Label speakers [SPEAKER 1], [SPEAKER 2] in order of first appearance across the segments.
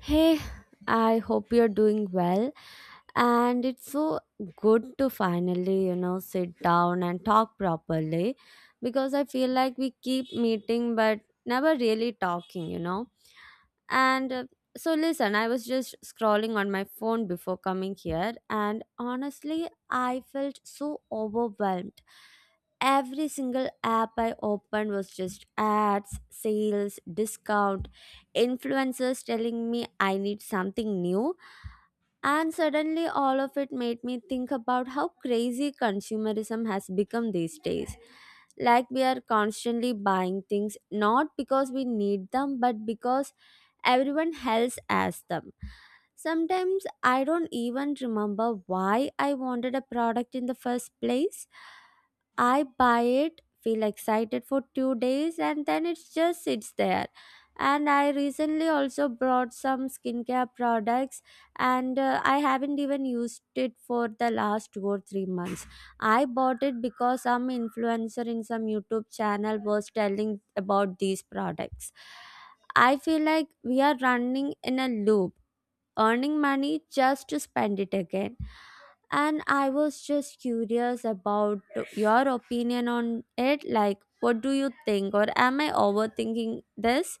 [SPEAKER 1] Hey, I hope you're doing well. And it's so good to finally, sit down and talk properly because I feel like we keep meeting but never really talking. And so, listen, I was just scrolling on my phone before coming here, and honestly, I felt so overwhelmed. Every single app I opened was just ads, sales, discount, influencers telling me I need something new, and suddenly, all of it made me think about how crazy consumerism has become these days. Like, we are constantly buying things not because we need them, but because everyone else has them. Sometimes I don't even remember why I wanted a product in the first place. I buy it, feel excited for 2 days, and then it just sits there. And I recently also brought some skincare products, and I haven't even used it for the last 2 or 3 months. I bought it because some influencer in some YouTube channel was telling about these products. I feel like we are running in a loop, earning money just to spend it again. And I was just curious about your opinion on it. Like, what do you think, or am I overthinking this?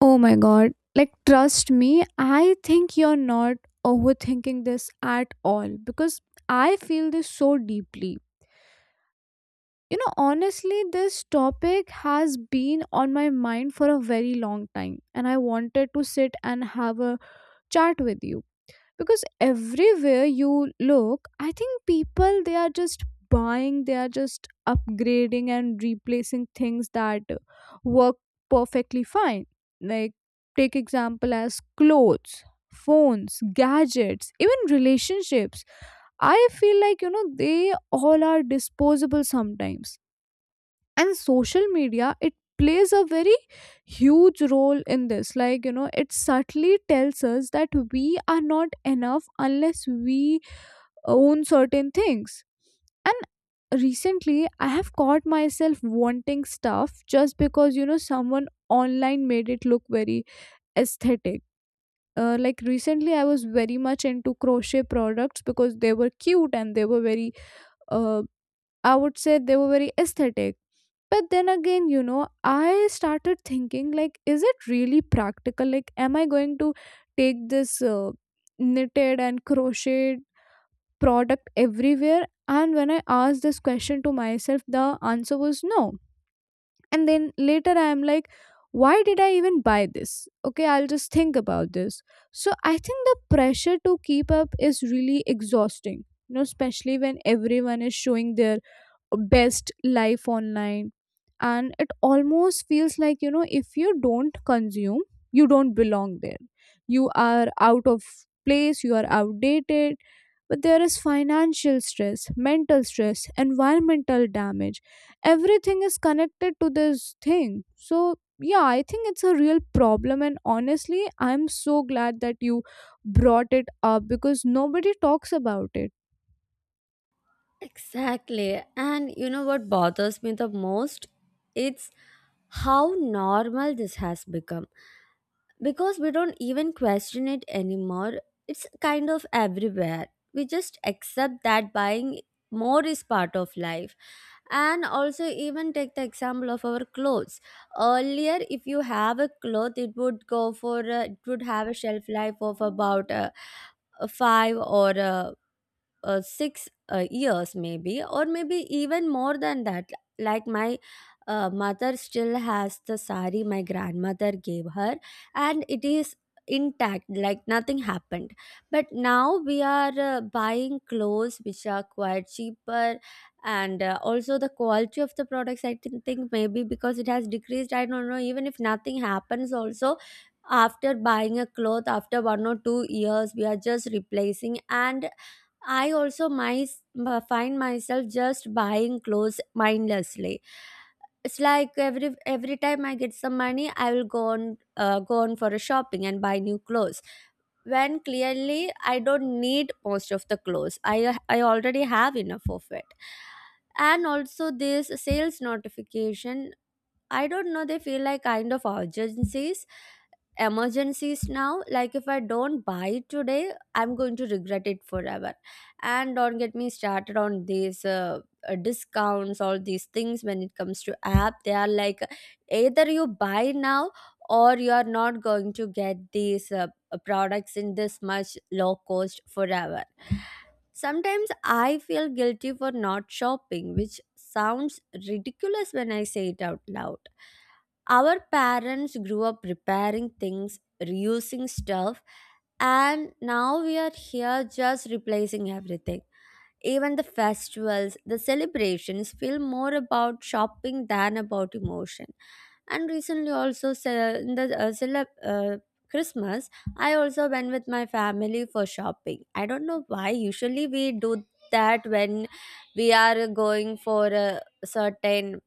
[SPEAKER 2] Oh my god. Like, trust me, I think you're not overthinking this at all because I feel this so deeply. You know, honestly, this topic has been on my mind for a very long time, and I wanted to sit and have a chat with you because everywhere you look, I think people, they are just buying, they are just upgrading and replacing things that work perfectly fine. Like, take example as clothes, phones, gadgets, even relationships. I feel like, you know, they all are disposable sometimes. And social media, it plays a very huge role in this. Like, you know, it subtly tells us that we are not enough unless we own certain things. And recently, I have caught myself wanting stuff just because, you know, someone online made it look very aesthetic. Like, recently I was very much into crochet products because they were cute and they were very, uh, I would say they were very aesthetic. But then again, you know, I started thinking, like, is it really practical? Like, am I going to take this knitted and crocheted product everywhere? And when I asked this question to myself, the answer was no. And then later, I am like, why did I even buy this? Okay, I'll just think about this. So I think the pressure to keep up is really exhausting, you know, especially when everyone is showing their best life online. And it almost feels like, you know, if you don't consume, you don't belong there, you are out of place, you are outdated. But there is financial stress, mental stress, environmental damage, everything is connected to this thing. So yeah, I think it's a real problem, and honestly I'm so glad that you brought it up because nobody talks about it.
[SPEAKER 1] Exactly. And you know what bothers me the most? It's how normal this has become, because we don't even question it anymore. It's kind of everywhere. We just accept that buying more is part of life. And also, even take the example of our clothes. Earlier, if you have a cloth, it would go for it would have a shelf life of about five or six years, maybe, or maybe even more than that, like my mother still has the sari my grandmother gave her, and it is intact, like nothing happened. But now we are buying clothes which are quite cheaper, and also the quality of the products, I think maybe because it has decreased, I don't know. Even if nothing happens also, after buying a cloth after 1 or 2 years, we are just replacing. And I also my, find myself just buying clothes mindlessly. It's like every time I get some money, I will go on for a shopping and buy new clothes, when clearly I don't need most of the clothes. I already have enough of it. And also this sales notification, I don't know, they feel like kind of urgencies, emergencies now. Like if I don't buy today, I'm going to regret it forever. And don't get me started on these discounts, all these things when it comes to app. They are like, either you buy now or you are not going to get these products in this much low cost forever. Sometimes I feel guilty for not shopping, which sounds ridiculous when I say it out loud. Our parents grew up repairing things, reusing stuff, and now we are here just replacing everything. Even the festivals, the celebrations feel more about shopping than about emotion. And recently, also in the uh, celeb- uh, Christmas, I also went with my family for shopping. I don't know why. Usually, we do that when we are going for a certain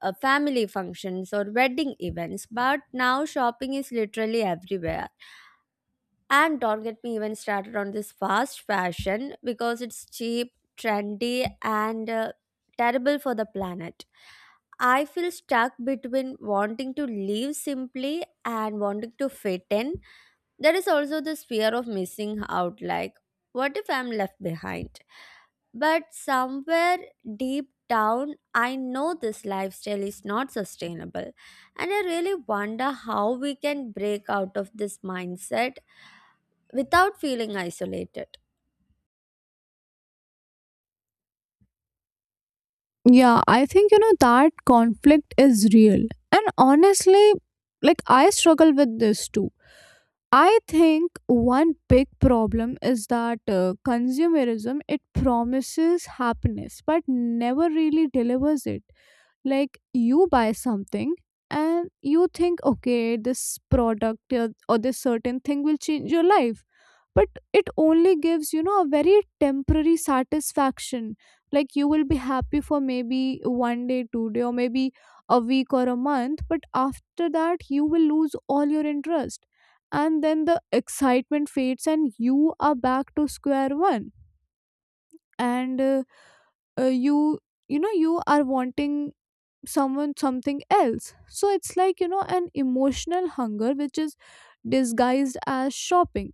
[SPEAKER 1] family functions or wedding events, but now shopping is literally everywhere. And don't get me even started on this fast fashion because it's cheap, trendy, and terrible for the planet. I feel stuck between wanting to live simply and wanting to fit in. There is also this fear of missing out, like, what if I'm left behind? But somewhere deep down, I know this lifestyle is not sustainable. And I really wonder how we can break out of this mindset without feeling isolated.
[SPEAKER 2] Yeah, I think, you know, that conflict is real. And honestly, like, I struggle with this too. I think one big problem is that consumerism, it promises happiness but never really delivers it. Like, you buy something and you think, okay, this product or this certain thing will change your life, but it only gives, you know, a very temporary satisfaction. Like, you will be happy for maybe one day 2 day, or maybe a week or a month, but after that you will lose all your interest. And then the excitement fades and you are back to square one. And uh, you you know, you are wanting someone something else. So it's like, you know, an emotional hunger which is disguised as shopping.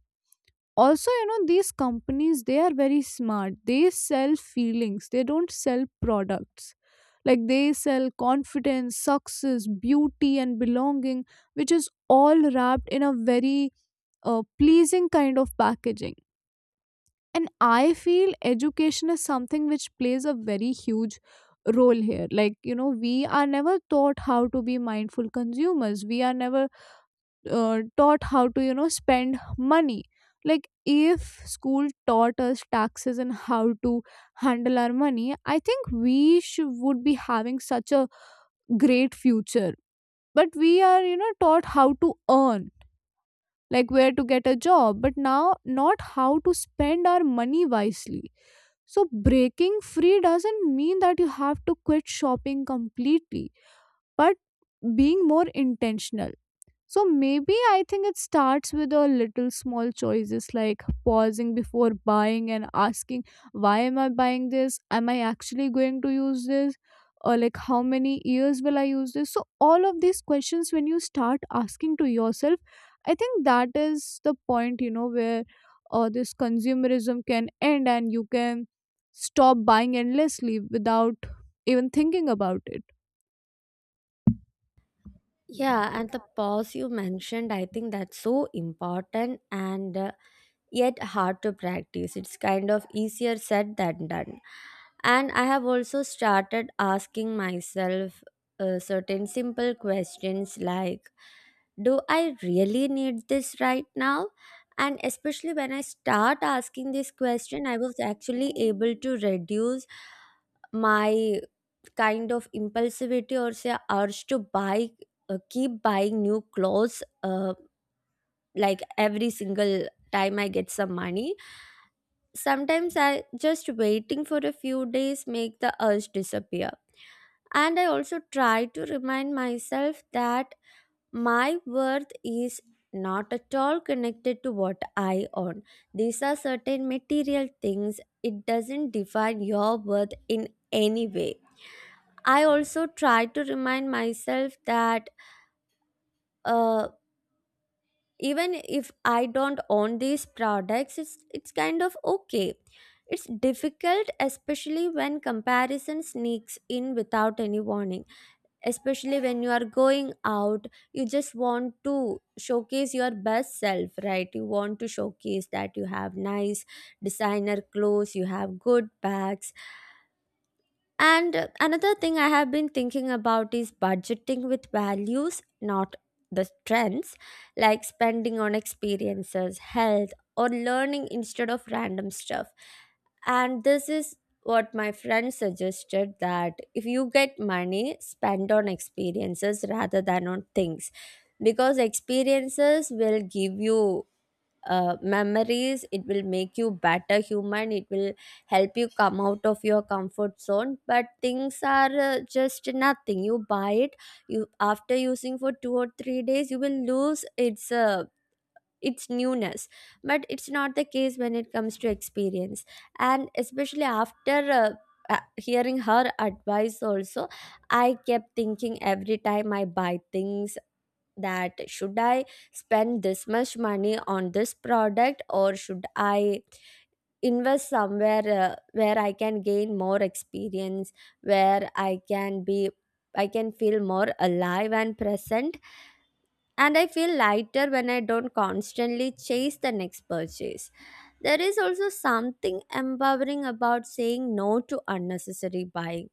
[SPEAKER 2] Also, you know, these companies, they are very smart, they sell feelings, they don't sell products. Like, they sell confidence, success, beauty and belonging, which is all wrapped in a very pleasing kind of packaging. And I feel education is something which plays a very huge role here. Like, you know, we are never taught how to be mindful consumers, we are never taught how to, you know, spend money. Like, if school taught us taxes and how to handle our money, I think we would be having such a great future. But we are, you know, taught how to earn, like, where to get a job, but now not how to spend our money wisely. So breaking free doesn't mean that you have to quit shopping completely, but being more intentional. So maybe I think it starts with a little small choices, like pausing before buying and asking, why am I buying this? Am I actually going to use this? Or like, how many years will I use this? So all of these questions, when you start asking to yourself, I think that is the point, you know, where this consumerism can end and you can stop buying endlessly without even thinking about it.
[SPEAKER 1] Yeah, and the pause you mentioned, I think that's so important and yet hard to practice. It's kind of easier said than done. And I have also started asking myself certain simple questions like, do I really need this right now? And especially when I start asking this question, I was actually able to reduce my kind of impulsivity, or say urge to buy, keep buying new clothes like every single time I get some money. Sometimes I just waiting for a few days make the urge disappear. And I also try to remind myself that my worth is not at all connected to what I own. These are certain material things, it doesn't define your worth in any way. I also try to remind myself that uh, even if I don't own these products, it's kind of okay. It's difficult, especially when comparison sneaks in without any warning. Especially when you are going out, you just want to showcase your best self, right? You want to showcase that you have nice designer clothes, you have good bags. And another thing I have been thinking about is budgeting with values, not the trends, like spending on experiences, health, or learning instead of random stuff. And this is what my friend suggested, that if you get money, spend on experiences rather than on things, because experiences will give you memories, it will make you better human, it will help you come out of your comfort zone. But things are just nothing. You buy it, you after using for 2 or 3 days, you will lose its newness. But it's not the case when it comes to experience. And especially after hearing her advice also, I kept thinking every time I buy things, that should I spend this much money on this product, or should I invest somewhere where I can gain more experience, where I can be, I can feel more alive and present. And I feel lighter when I don't constantly chase the next purchase. There is also something empowering about saying no to unnecessary buying.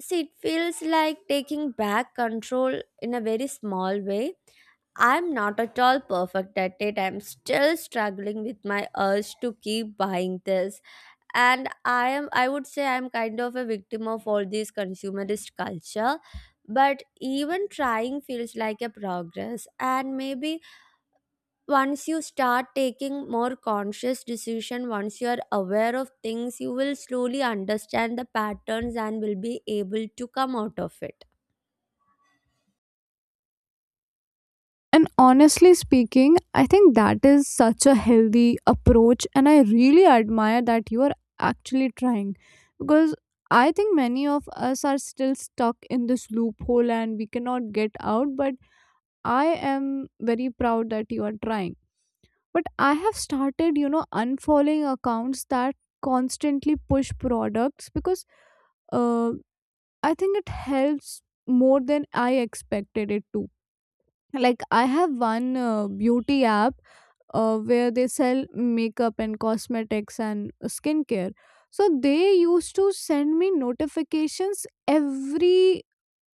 [SPEAKER 1] See, it feels like taking back control in a very small way. I'm not at all perfect at it. I'm still struggling with my urge to keep buying this. And I would say I'm kind of a victim of all this consumerist culture. But even trying feels like a progress. And maybe once you start taking more conscious decision, once you are aware of things, you will slowly understand the patterns and will be able to come out of it.
[SPEAKER 2] And honestly speaking, I think that is such a healthy approach, and I really admire that you are actually trying, because I think many of us are still stuck in this loophole and we cannot get out. But I am very proud that you are trying. But I have started, you know, unfollowing accounts that constantly push products, because uh, I think it helps more than I expected it to. Like, I have one beauty app where they sell makeup and cosmetics and skincare. So they used to send me notifications every,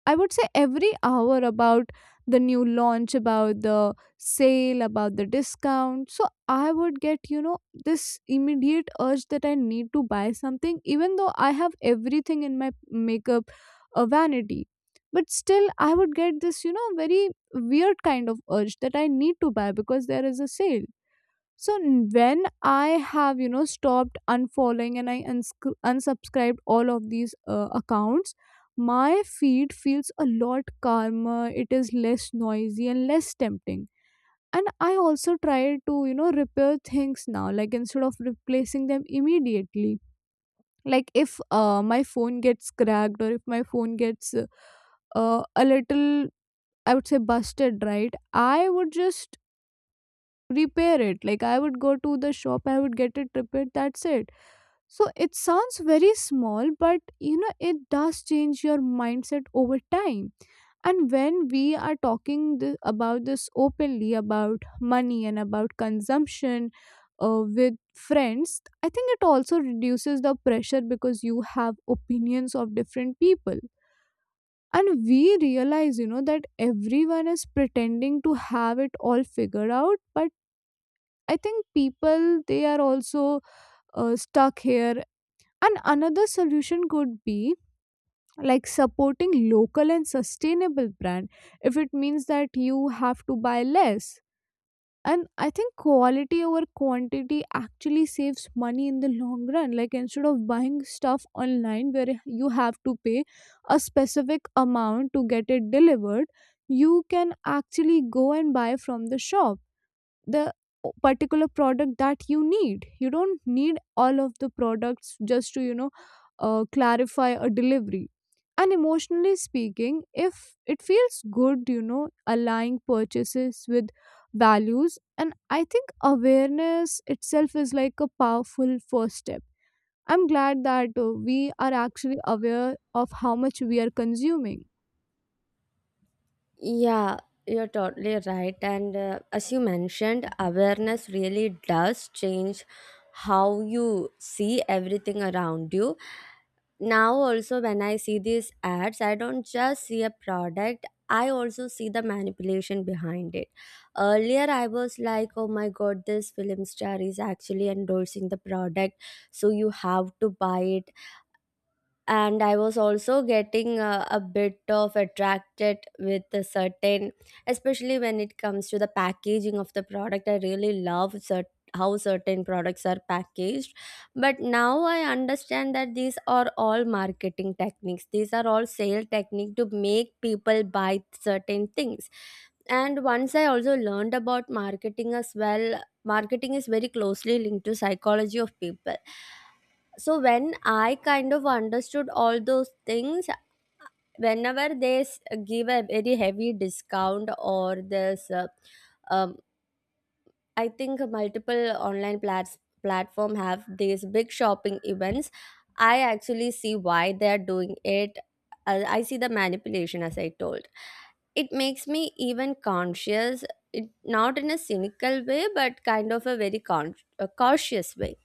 [SPEAKER 2] I would say, every hour about the new launch, about the sale, about the discount. So I would get, you know, this immediate urge that I need to buy something, even though I have everything in my makeup vanity. But still, I would get this, you know, very weird kind of urge that I need to buy because there is a sale. So when I have, you know, stopped unfollowing and I unsubscribed all of these accounts, my feed feels a lot calmer. It is less noisy and less tempting. And I also try to, you know, repair things now, like instead of replacing them immediately. Like if my phone gets cracked, or if my phone gets a little, I would say, busted, right? I would just repair it. Like, I would go to the shop, I would get it repaired, that's it. So it sounds very small, but you know, it does change your mindset over time. And when we are talking about this openly, about money and about consumption with friends, I think it also reduces the pressure because you have opinions of different people. And we realize, you know, that everyone is pretending to have it all figured out, but I think people, they are also stuck here. And another solution could be like supporting local and sustainable brand, if it means that you have to buy less. And I think quality over quantity actually saves money in the long run. Like, instead of buying stuff online where you have to pay a specific amount to get it delivered, you can actually go and buy from the shop the particular product that you need. You don't need all of the products just to, you know, clarify a delivery. And emotionally speaking, if it feels good, you know, aligning purchases with values. And I think awareness itself is like a powerful first step. I'm glad that we are actually aware of how much we are consuming.
[SPEAKER 1] Yeah, you're totally right. And as you mentioned, awareness really does change how you see everything around you. Now, also, when I see these ads, I don't just see a product, I also see the manipulation behind it. Earlier, I was like, oh my god, this film star is actually endorsing the product, so you have to buy it. And I was also getting a bit of attracted with a certain, especially when it comes to the packaging of the product. I really love how certain products are packaged. But now I understand that these are all marketing techniques, these are all sale technique to make people buy certain things. And once I also learned about marketing as well, marketing is very closely linked to psychology of people. So when I kind of understood all those things, whenever they give a very heavy discount, or this um, I think multiple online plats platform have these big shopping events, I actually see why they are doing it. I see the manipulation, as I told. It makes me even conscious, it, not in a cynical way, but kind of a very a cautious way.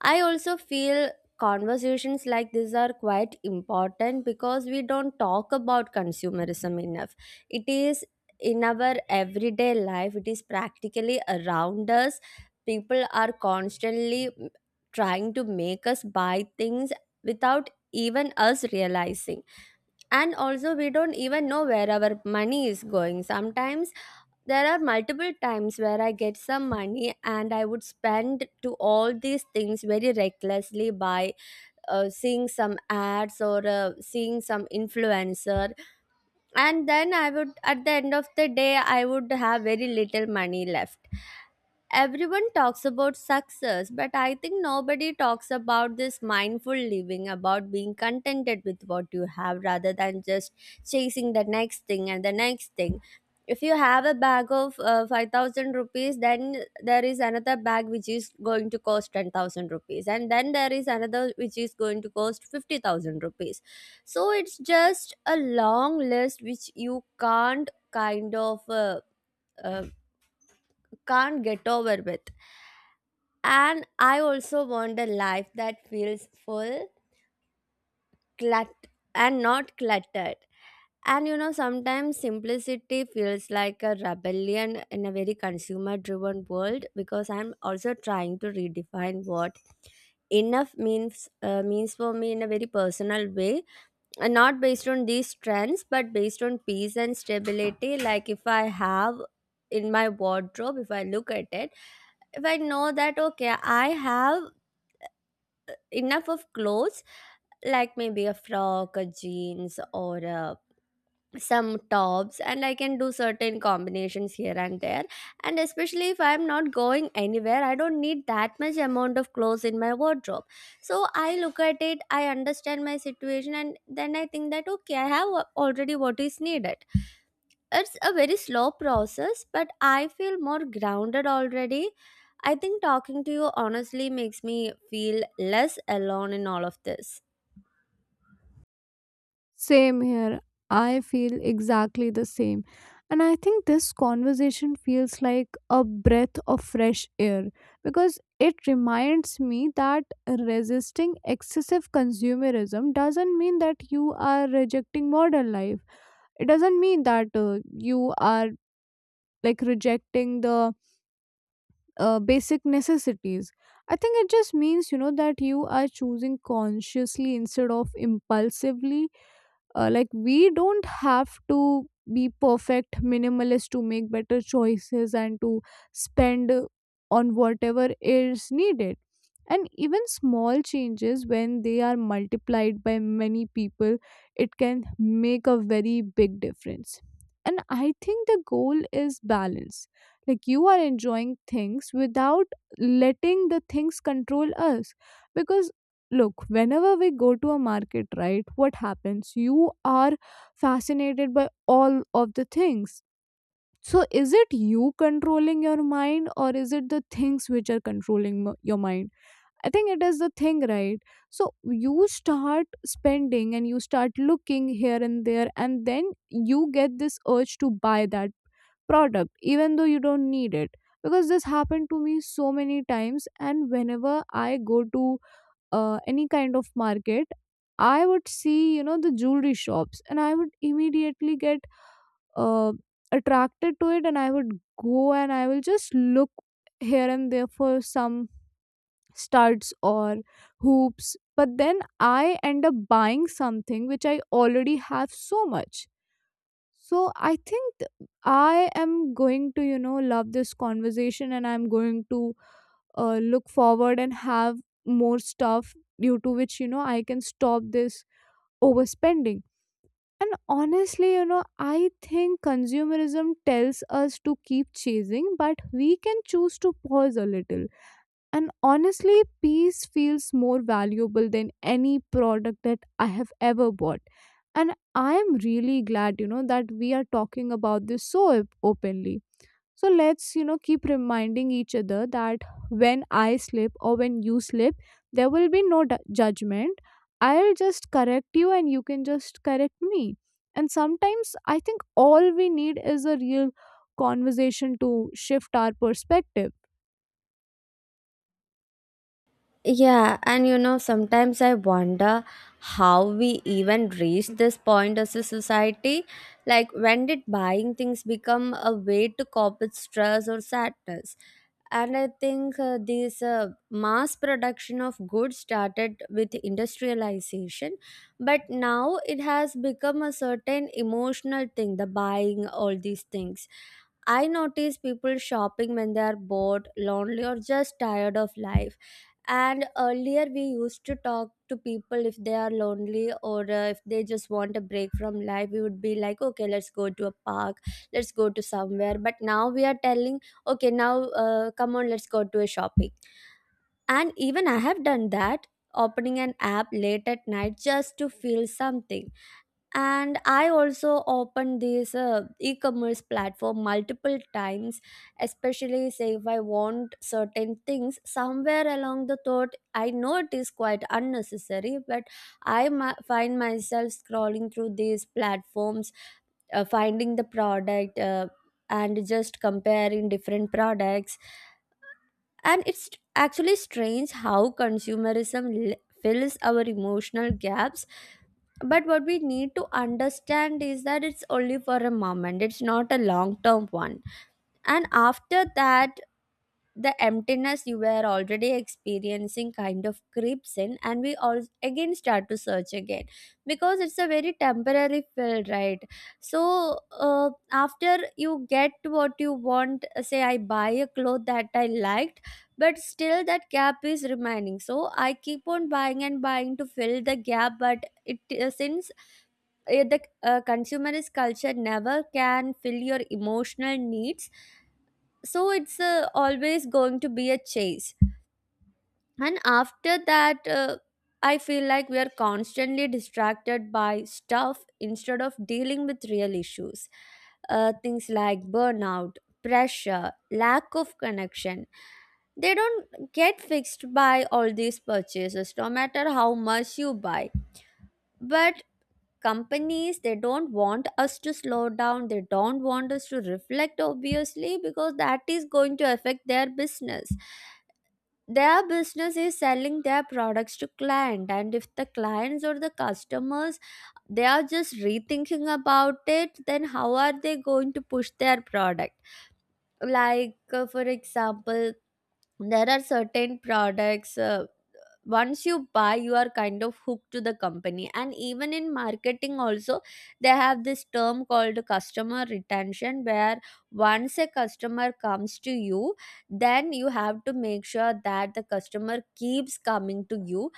[SPEAKER 1] I also feel conversations like this are quite important because we don't talk about consumerism enough. It is in our everyday life. It is practically around us. People are constantly trying to make us buy things without even us realizing, and also we don't even know where our money is going sometimes. There are multiple times where I get some money and I would spend to all these things very recklessly by seeing some ads or seeing some influencer, and then I would, at the end of the day, I would have very little money left. Everyone talks about success, but I think nobody talks about this mindful living, about being contented with what you have rather than just chasing the next thing and the next thing. If you have a bag of 5,000 rupees, then there is another bag which is going to cost 10,000 rupees, and then there is another which is going to cost 50,000 rupees. So it's just a long list which you can't kind of uh, can't get over with. And I also want a life that feels full, clut and not cluttered. And you know, sometimes simplicity feels like a rebellion in a very consumer driven world, because I'm also trying to redefine what enough means, means for me in a very personal way, and not based on these trends, but based on peace and stability. Like, if I have, in my wardrobe, if I look at it, if I know that, okay, I have enough of clothes, like maybe a frock, a jeans, or a some tops, and I can do certain combinations here and there. And especially if I'm not going anywhere, I don't need that much amount of clothes in my wardrobe. So I look at it, I understand my situation, and then I think that, okay, I have already what is needed. It's a very slow process, but I feel more grounded already. I think talking to you honestly makes me feel less alone in all of this.
[SPEAKER 2] Same here. I feel exactly the same. And I think this conversation feels like a breath of fresh air because it reminds me that resisting excessive consumerism doesn't mean that you are rejecting modern life. It doesn't mean that you are like rejecting the basic necessities. I think it just means, you know, that you are choosing consciously instead of impulsively. Like, we don't have to be perfect minimalist to make better choices and to spend on whatever is needed. And even small changes, when they are multiplied by many people, it can make a very big difference. And I think the goal is balance, like you are enjoying things without letting the things control us. Because look, whenever we go to a market, right, what happens? You are fascinated by all of the things. So, is it you controlling your mind, or is it the things which are controlling your mind? I think it is the thing, right? So, you start spending and you start looking here and there, and then you get this urge to buy that product even though you don't need it. Because this happened to me so many times, and whenever I go to any kind of market, I would see, you know, the jewelry shops and I would immediately get uh, attracted to it, and I would go and I will just look here and there for some studs or hoops. But then I end up buying something which I already have so much. So I think I am going to, you know, love this conversation, and I'm going to look forward and have more stuff, due to which, you know, I can stop this overspending. And honestly, you know, I think consumerism tells us to keep chasing, but we can choose to pause a little. And honestly, peace feels more valuable than any product that I have ever bought. And I am really glad, you know, that we are talking about this so openly. So let's, you know, keep reminding each other that when I slip or when you slip, there will be no judgment. I'll just correct you and you can just correct me. And sometimes I think all we need is a real conversation to shift our perspective.
[SPEAKER 1] Yeah, and you know, sometimes I wonder how we even reached this point as a society. Like, when did buying things become a way to cope with stress or sadness? And I think this mass production of goods started with industrialization, but now it has become a certain emotional thing, the buying all these things. I notice people shopping when they are bored, lonely, or just tired of life. And earlier we used to talk to people if they are lonely, or if they just want a break from life, we would be like, okay, let's go to a park, let's go to somewhere. But now we are telling, okay, now come on, let's go to a shopping. And even I have done that, opening an app late at night just to feel something. And I also opened this e-commerce platform multiple times, especially, say if I want certain things, somewhere along the thought I know it is quite unnecessary, but I find myself scrolling through these platforms, finding the product, and just comparing different products. And it's actually strange how consumerism fills our emotional gaps. But what we need to understand is that it's only for a moment, it's not a long term one. And after that, the emptiness you were already experiencing kind of creeps in, and we all again start to search again, because it's a very temporary fill, right? So after you get what you want, say I buy a cloth that I liked, but still that gap is remaining, so I keep on buying and buying to fill the gap. But it since the consumerist culture never can fill your emotional needs, so it's always going to be a chase. And after that, I feel like we are constantly distracted by stuff instead of dealing with real issues. Things like burnout, pressure, lack of connection, they don't get fixed by all these purchases, no matter how much you buy. But companies, they don't want us to slow down, they don't want us to reflect, obviously, because that is going to affect their business. Their business is selling their products to client, and if the clients or the customers, they are just rethinking about it, then how are they going to push their product? Like for example, there are certain products, once you buy, you are kind of hooked to the company. And even in marketing also, they have this term called customer retention, where once a customer comes to you, then you have to make sure that the customer keeps coming to you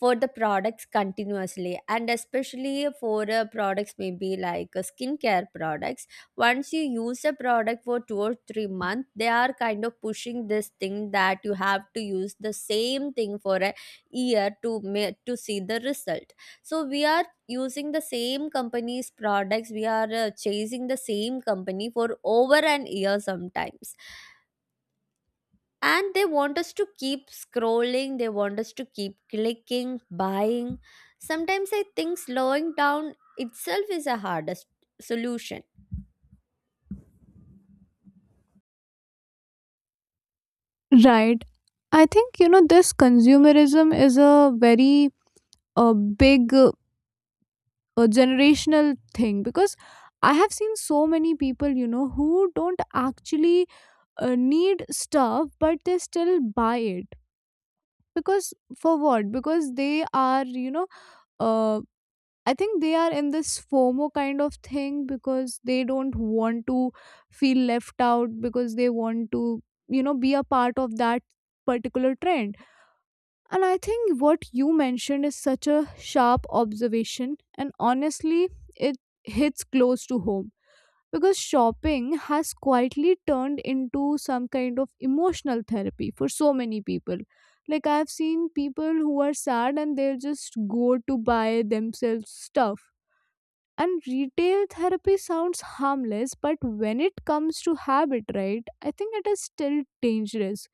[SPEAKER 1] for the products continuously. And especially for products maybe like skincare products, once you use a product for 2 or 3 months, they are kind of pushing this thing that you have to use the same thing for a year to to see the result. So we are using the same company's products, we are chasing the same company for over an year sometimes. And they want us to keep scrolling, they want us to keep clicking, buying. Sometimes I think slowing down itself is a hardest solution.
[SPEAKER 2] Right. I think, you know, this consumerism is a very big generational thing, because I have seen so many people, you know, who don't actually need stuff, but they still buy it. Because for what? Because they are, you know, uh, I think they are in this FOMO kind of thing because they don't want to feel left out, because they want to, you know, be a part of that particular trend. And I think what you mentioned is such a sharp observation, and honestly it hits close to home because shopping has quietly turned into some kind of emotional therapy for so many people. Like, I've seen people who are sad and they'll just go to buy themselves stuff. And retail therapy sounds harmless, but when it comes to habit, right, I think it is still dangerous.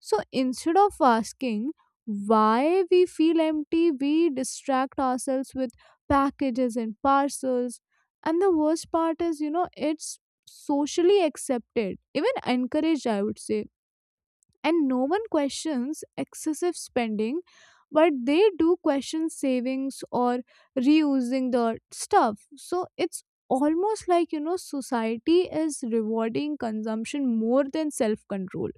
[SPEAKER 2] So instead of asking why we feel empty, we distract ourselves with packages and parcels. And the worst part is, you know, it's socially accepted, even encouraged, I would say. And no one questions excessive spending, but they do question savings or reusing the stuff. So it's almost like, you know, society is rewarding consumption more than self control.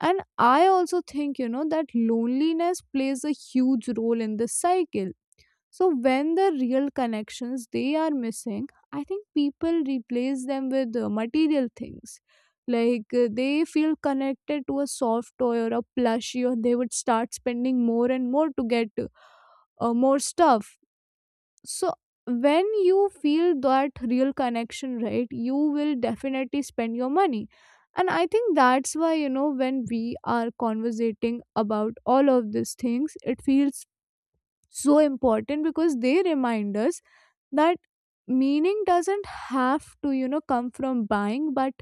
[SPEAKER 2] And I also think, you know, that loneliness plays a huge role in this cycle. So when the real connections they are missing, I think people replace them with material things. Like, they feel connected to a soft toy or a plushie, or they would start spending more and more to get more stuff. So when you feel that real connection, right, you will definitely spend your money. And I think that's why, you know, when we are conversating about all of these things, it feels so important because they remind us that meaning doesn't have to, you know, come from buying, but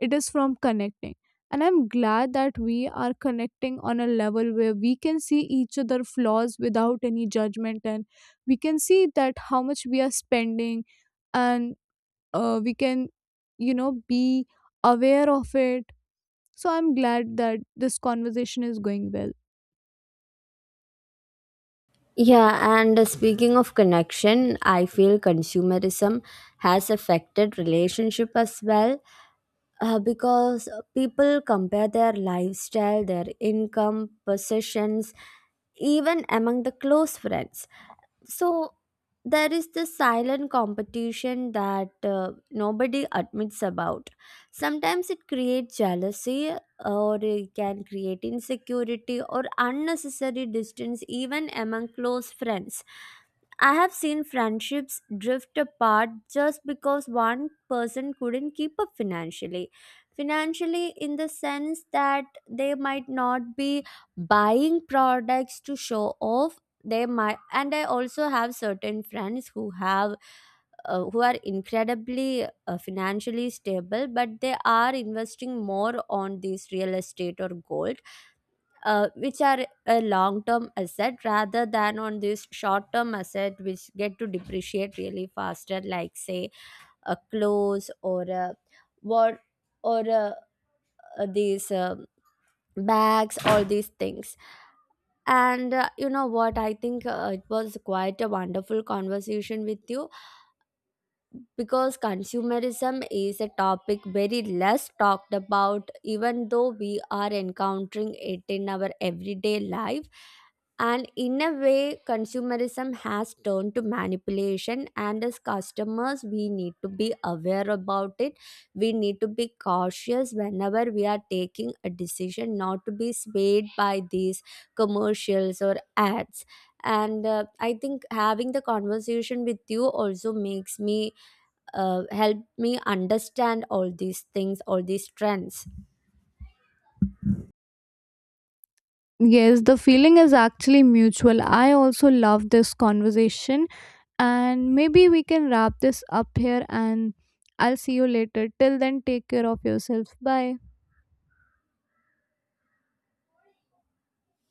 [SPEAKER 2] it is from connecting. And I'm glad that we are connecting on a level where we can see each other flaws without any judgment, and we can see that how much we are spending. And we can, you know, be aware of it. So I'm glad that this conversation is going well.
[SPEAKER 1] Yeah, and speaking of connection, I feel consumerism has affected relationship as well, because people compare their lifestyle, their income, possessions, even among the close friends. So there is this silent competition that nobody admits about. Sometimes it creates jealousy, or it can create insecurity or unnecessary distance even among close friends. I have seen friendships drift apart just because one person couldn't keep up financially. Financially in the sense that they might not be buying products to show off, they might. And I also have certain friends who have who are incredibly financially stable, but they are investing more on these real estate or gold, which are a long term asset rather than on this short term asset which get to depreciate really faster, like say a clothes or a what, or a, these bags, all these things. And you know what? I think it was quite a wonderful conversation with you, because consumerism is a topic very less talked about even though we are encountering it in our everyday life. And in a way, consumerism has turned to manipulation, and as customers we need to be aware about it. We need to be cautious whenever we are taking a decision, not to be swayed by these commercials or ads. And I think having the conversation with you also makes me helped me understand all these things, all these trends.
[SPEAKER 2] Yes, the feeling is actually mutual, I also love this conversation. And maybe we can wrap this up here, and I'll see you later. Till then, take care of yourself. Bye.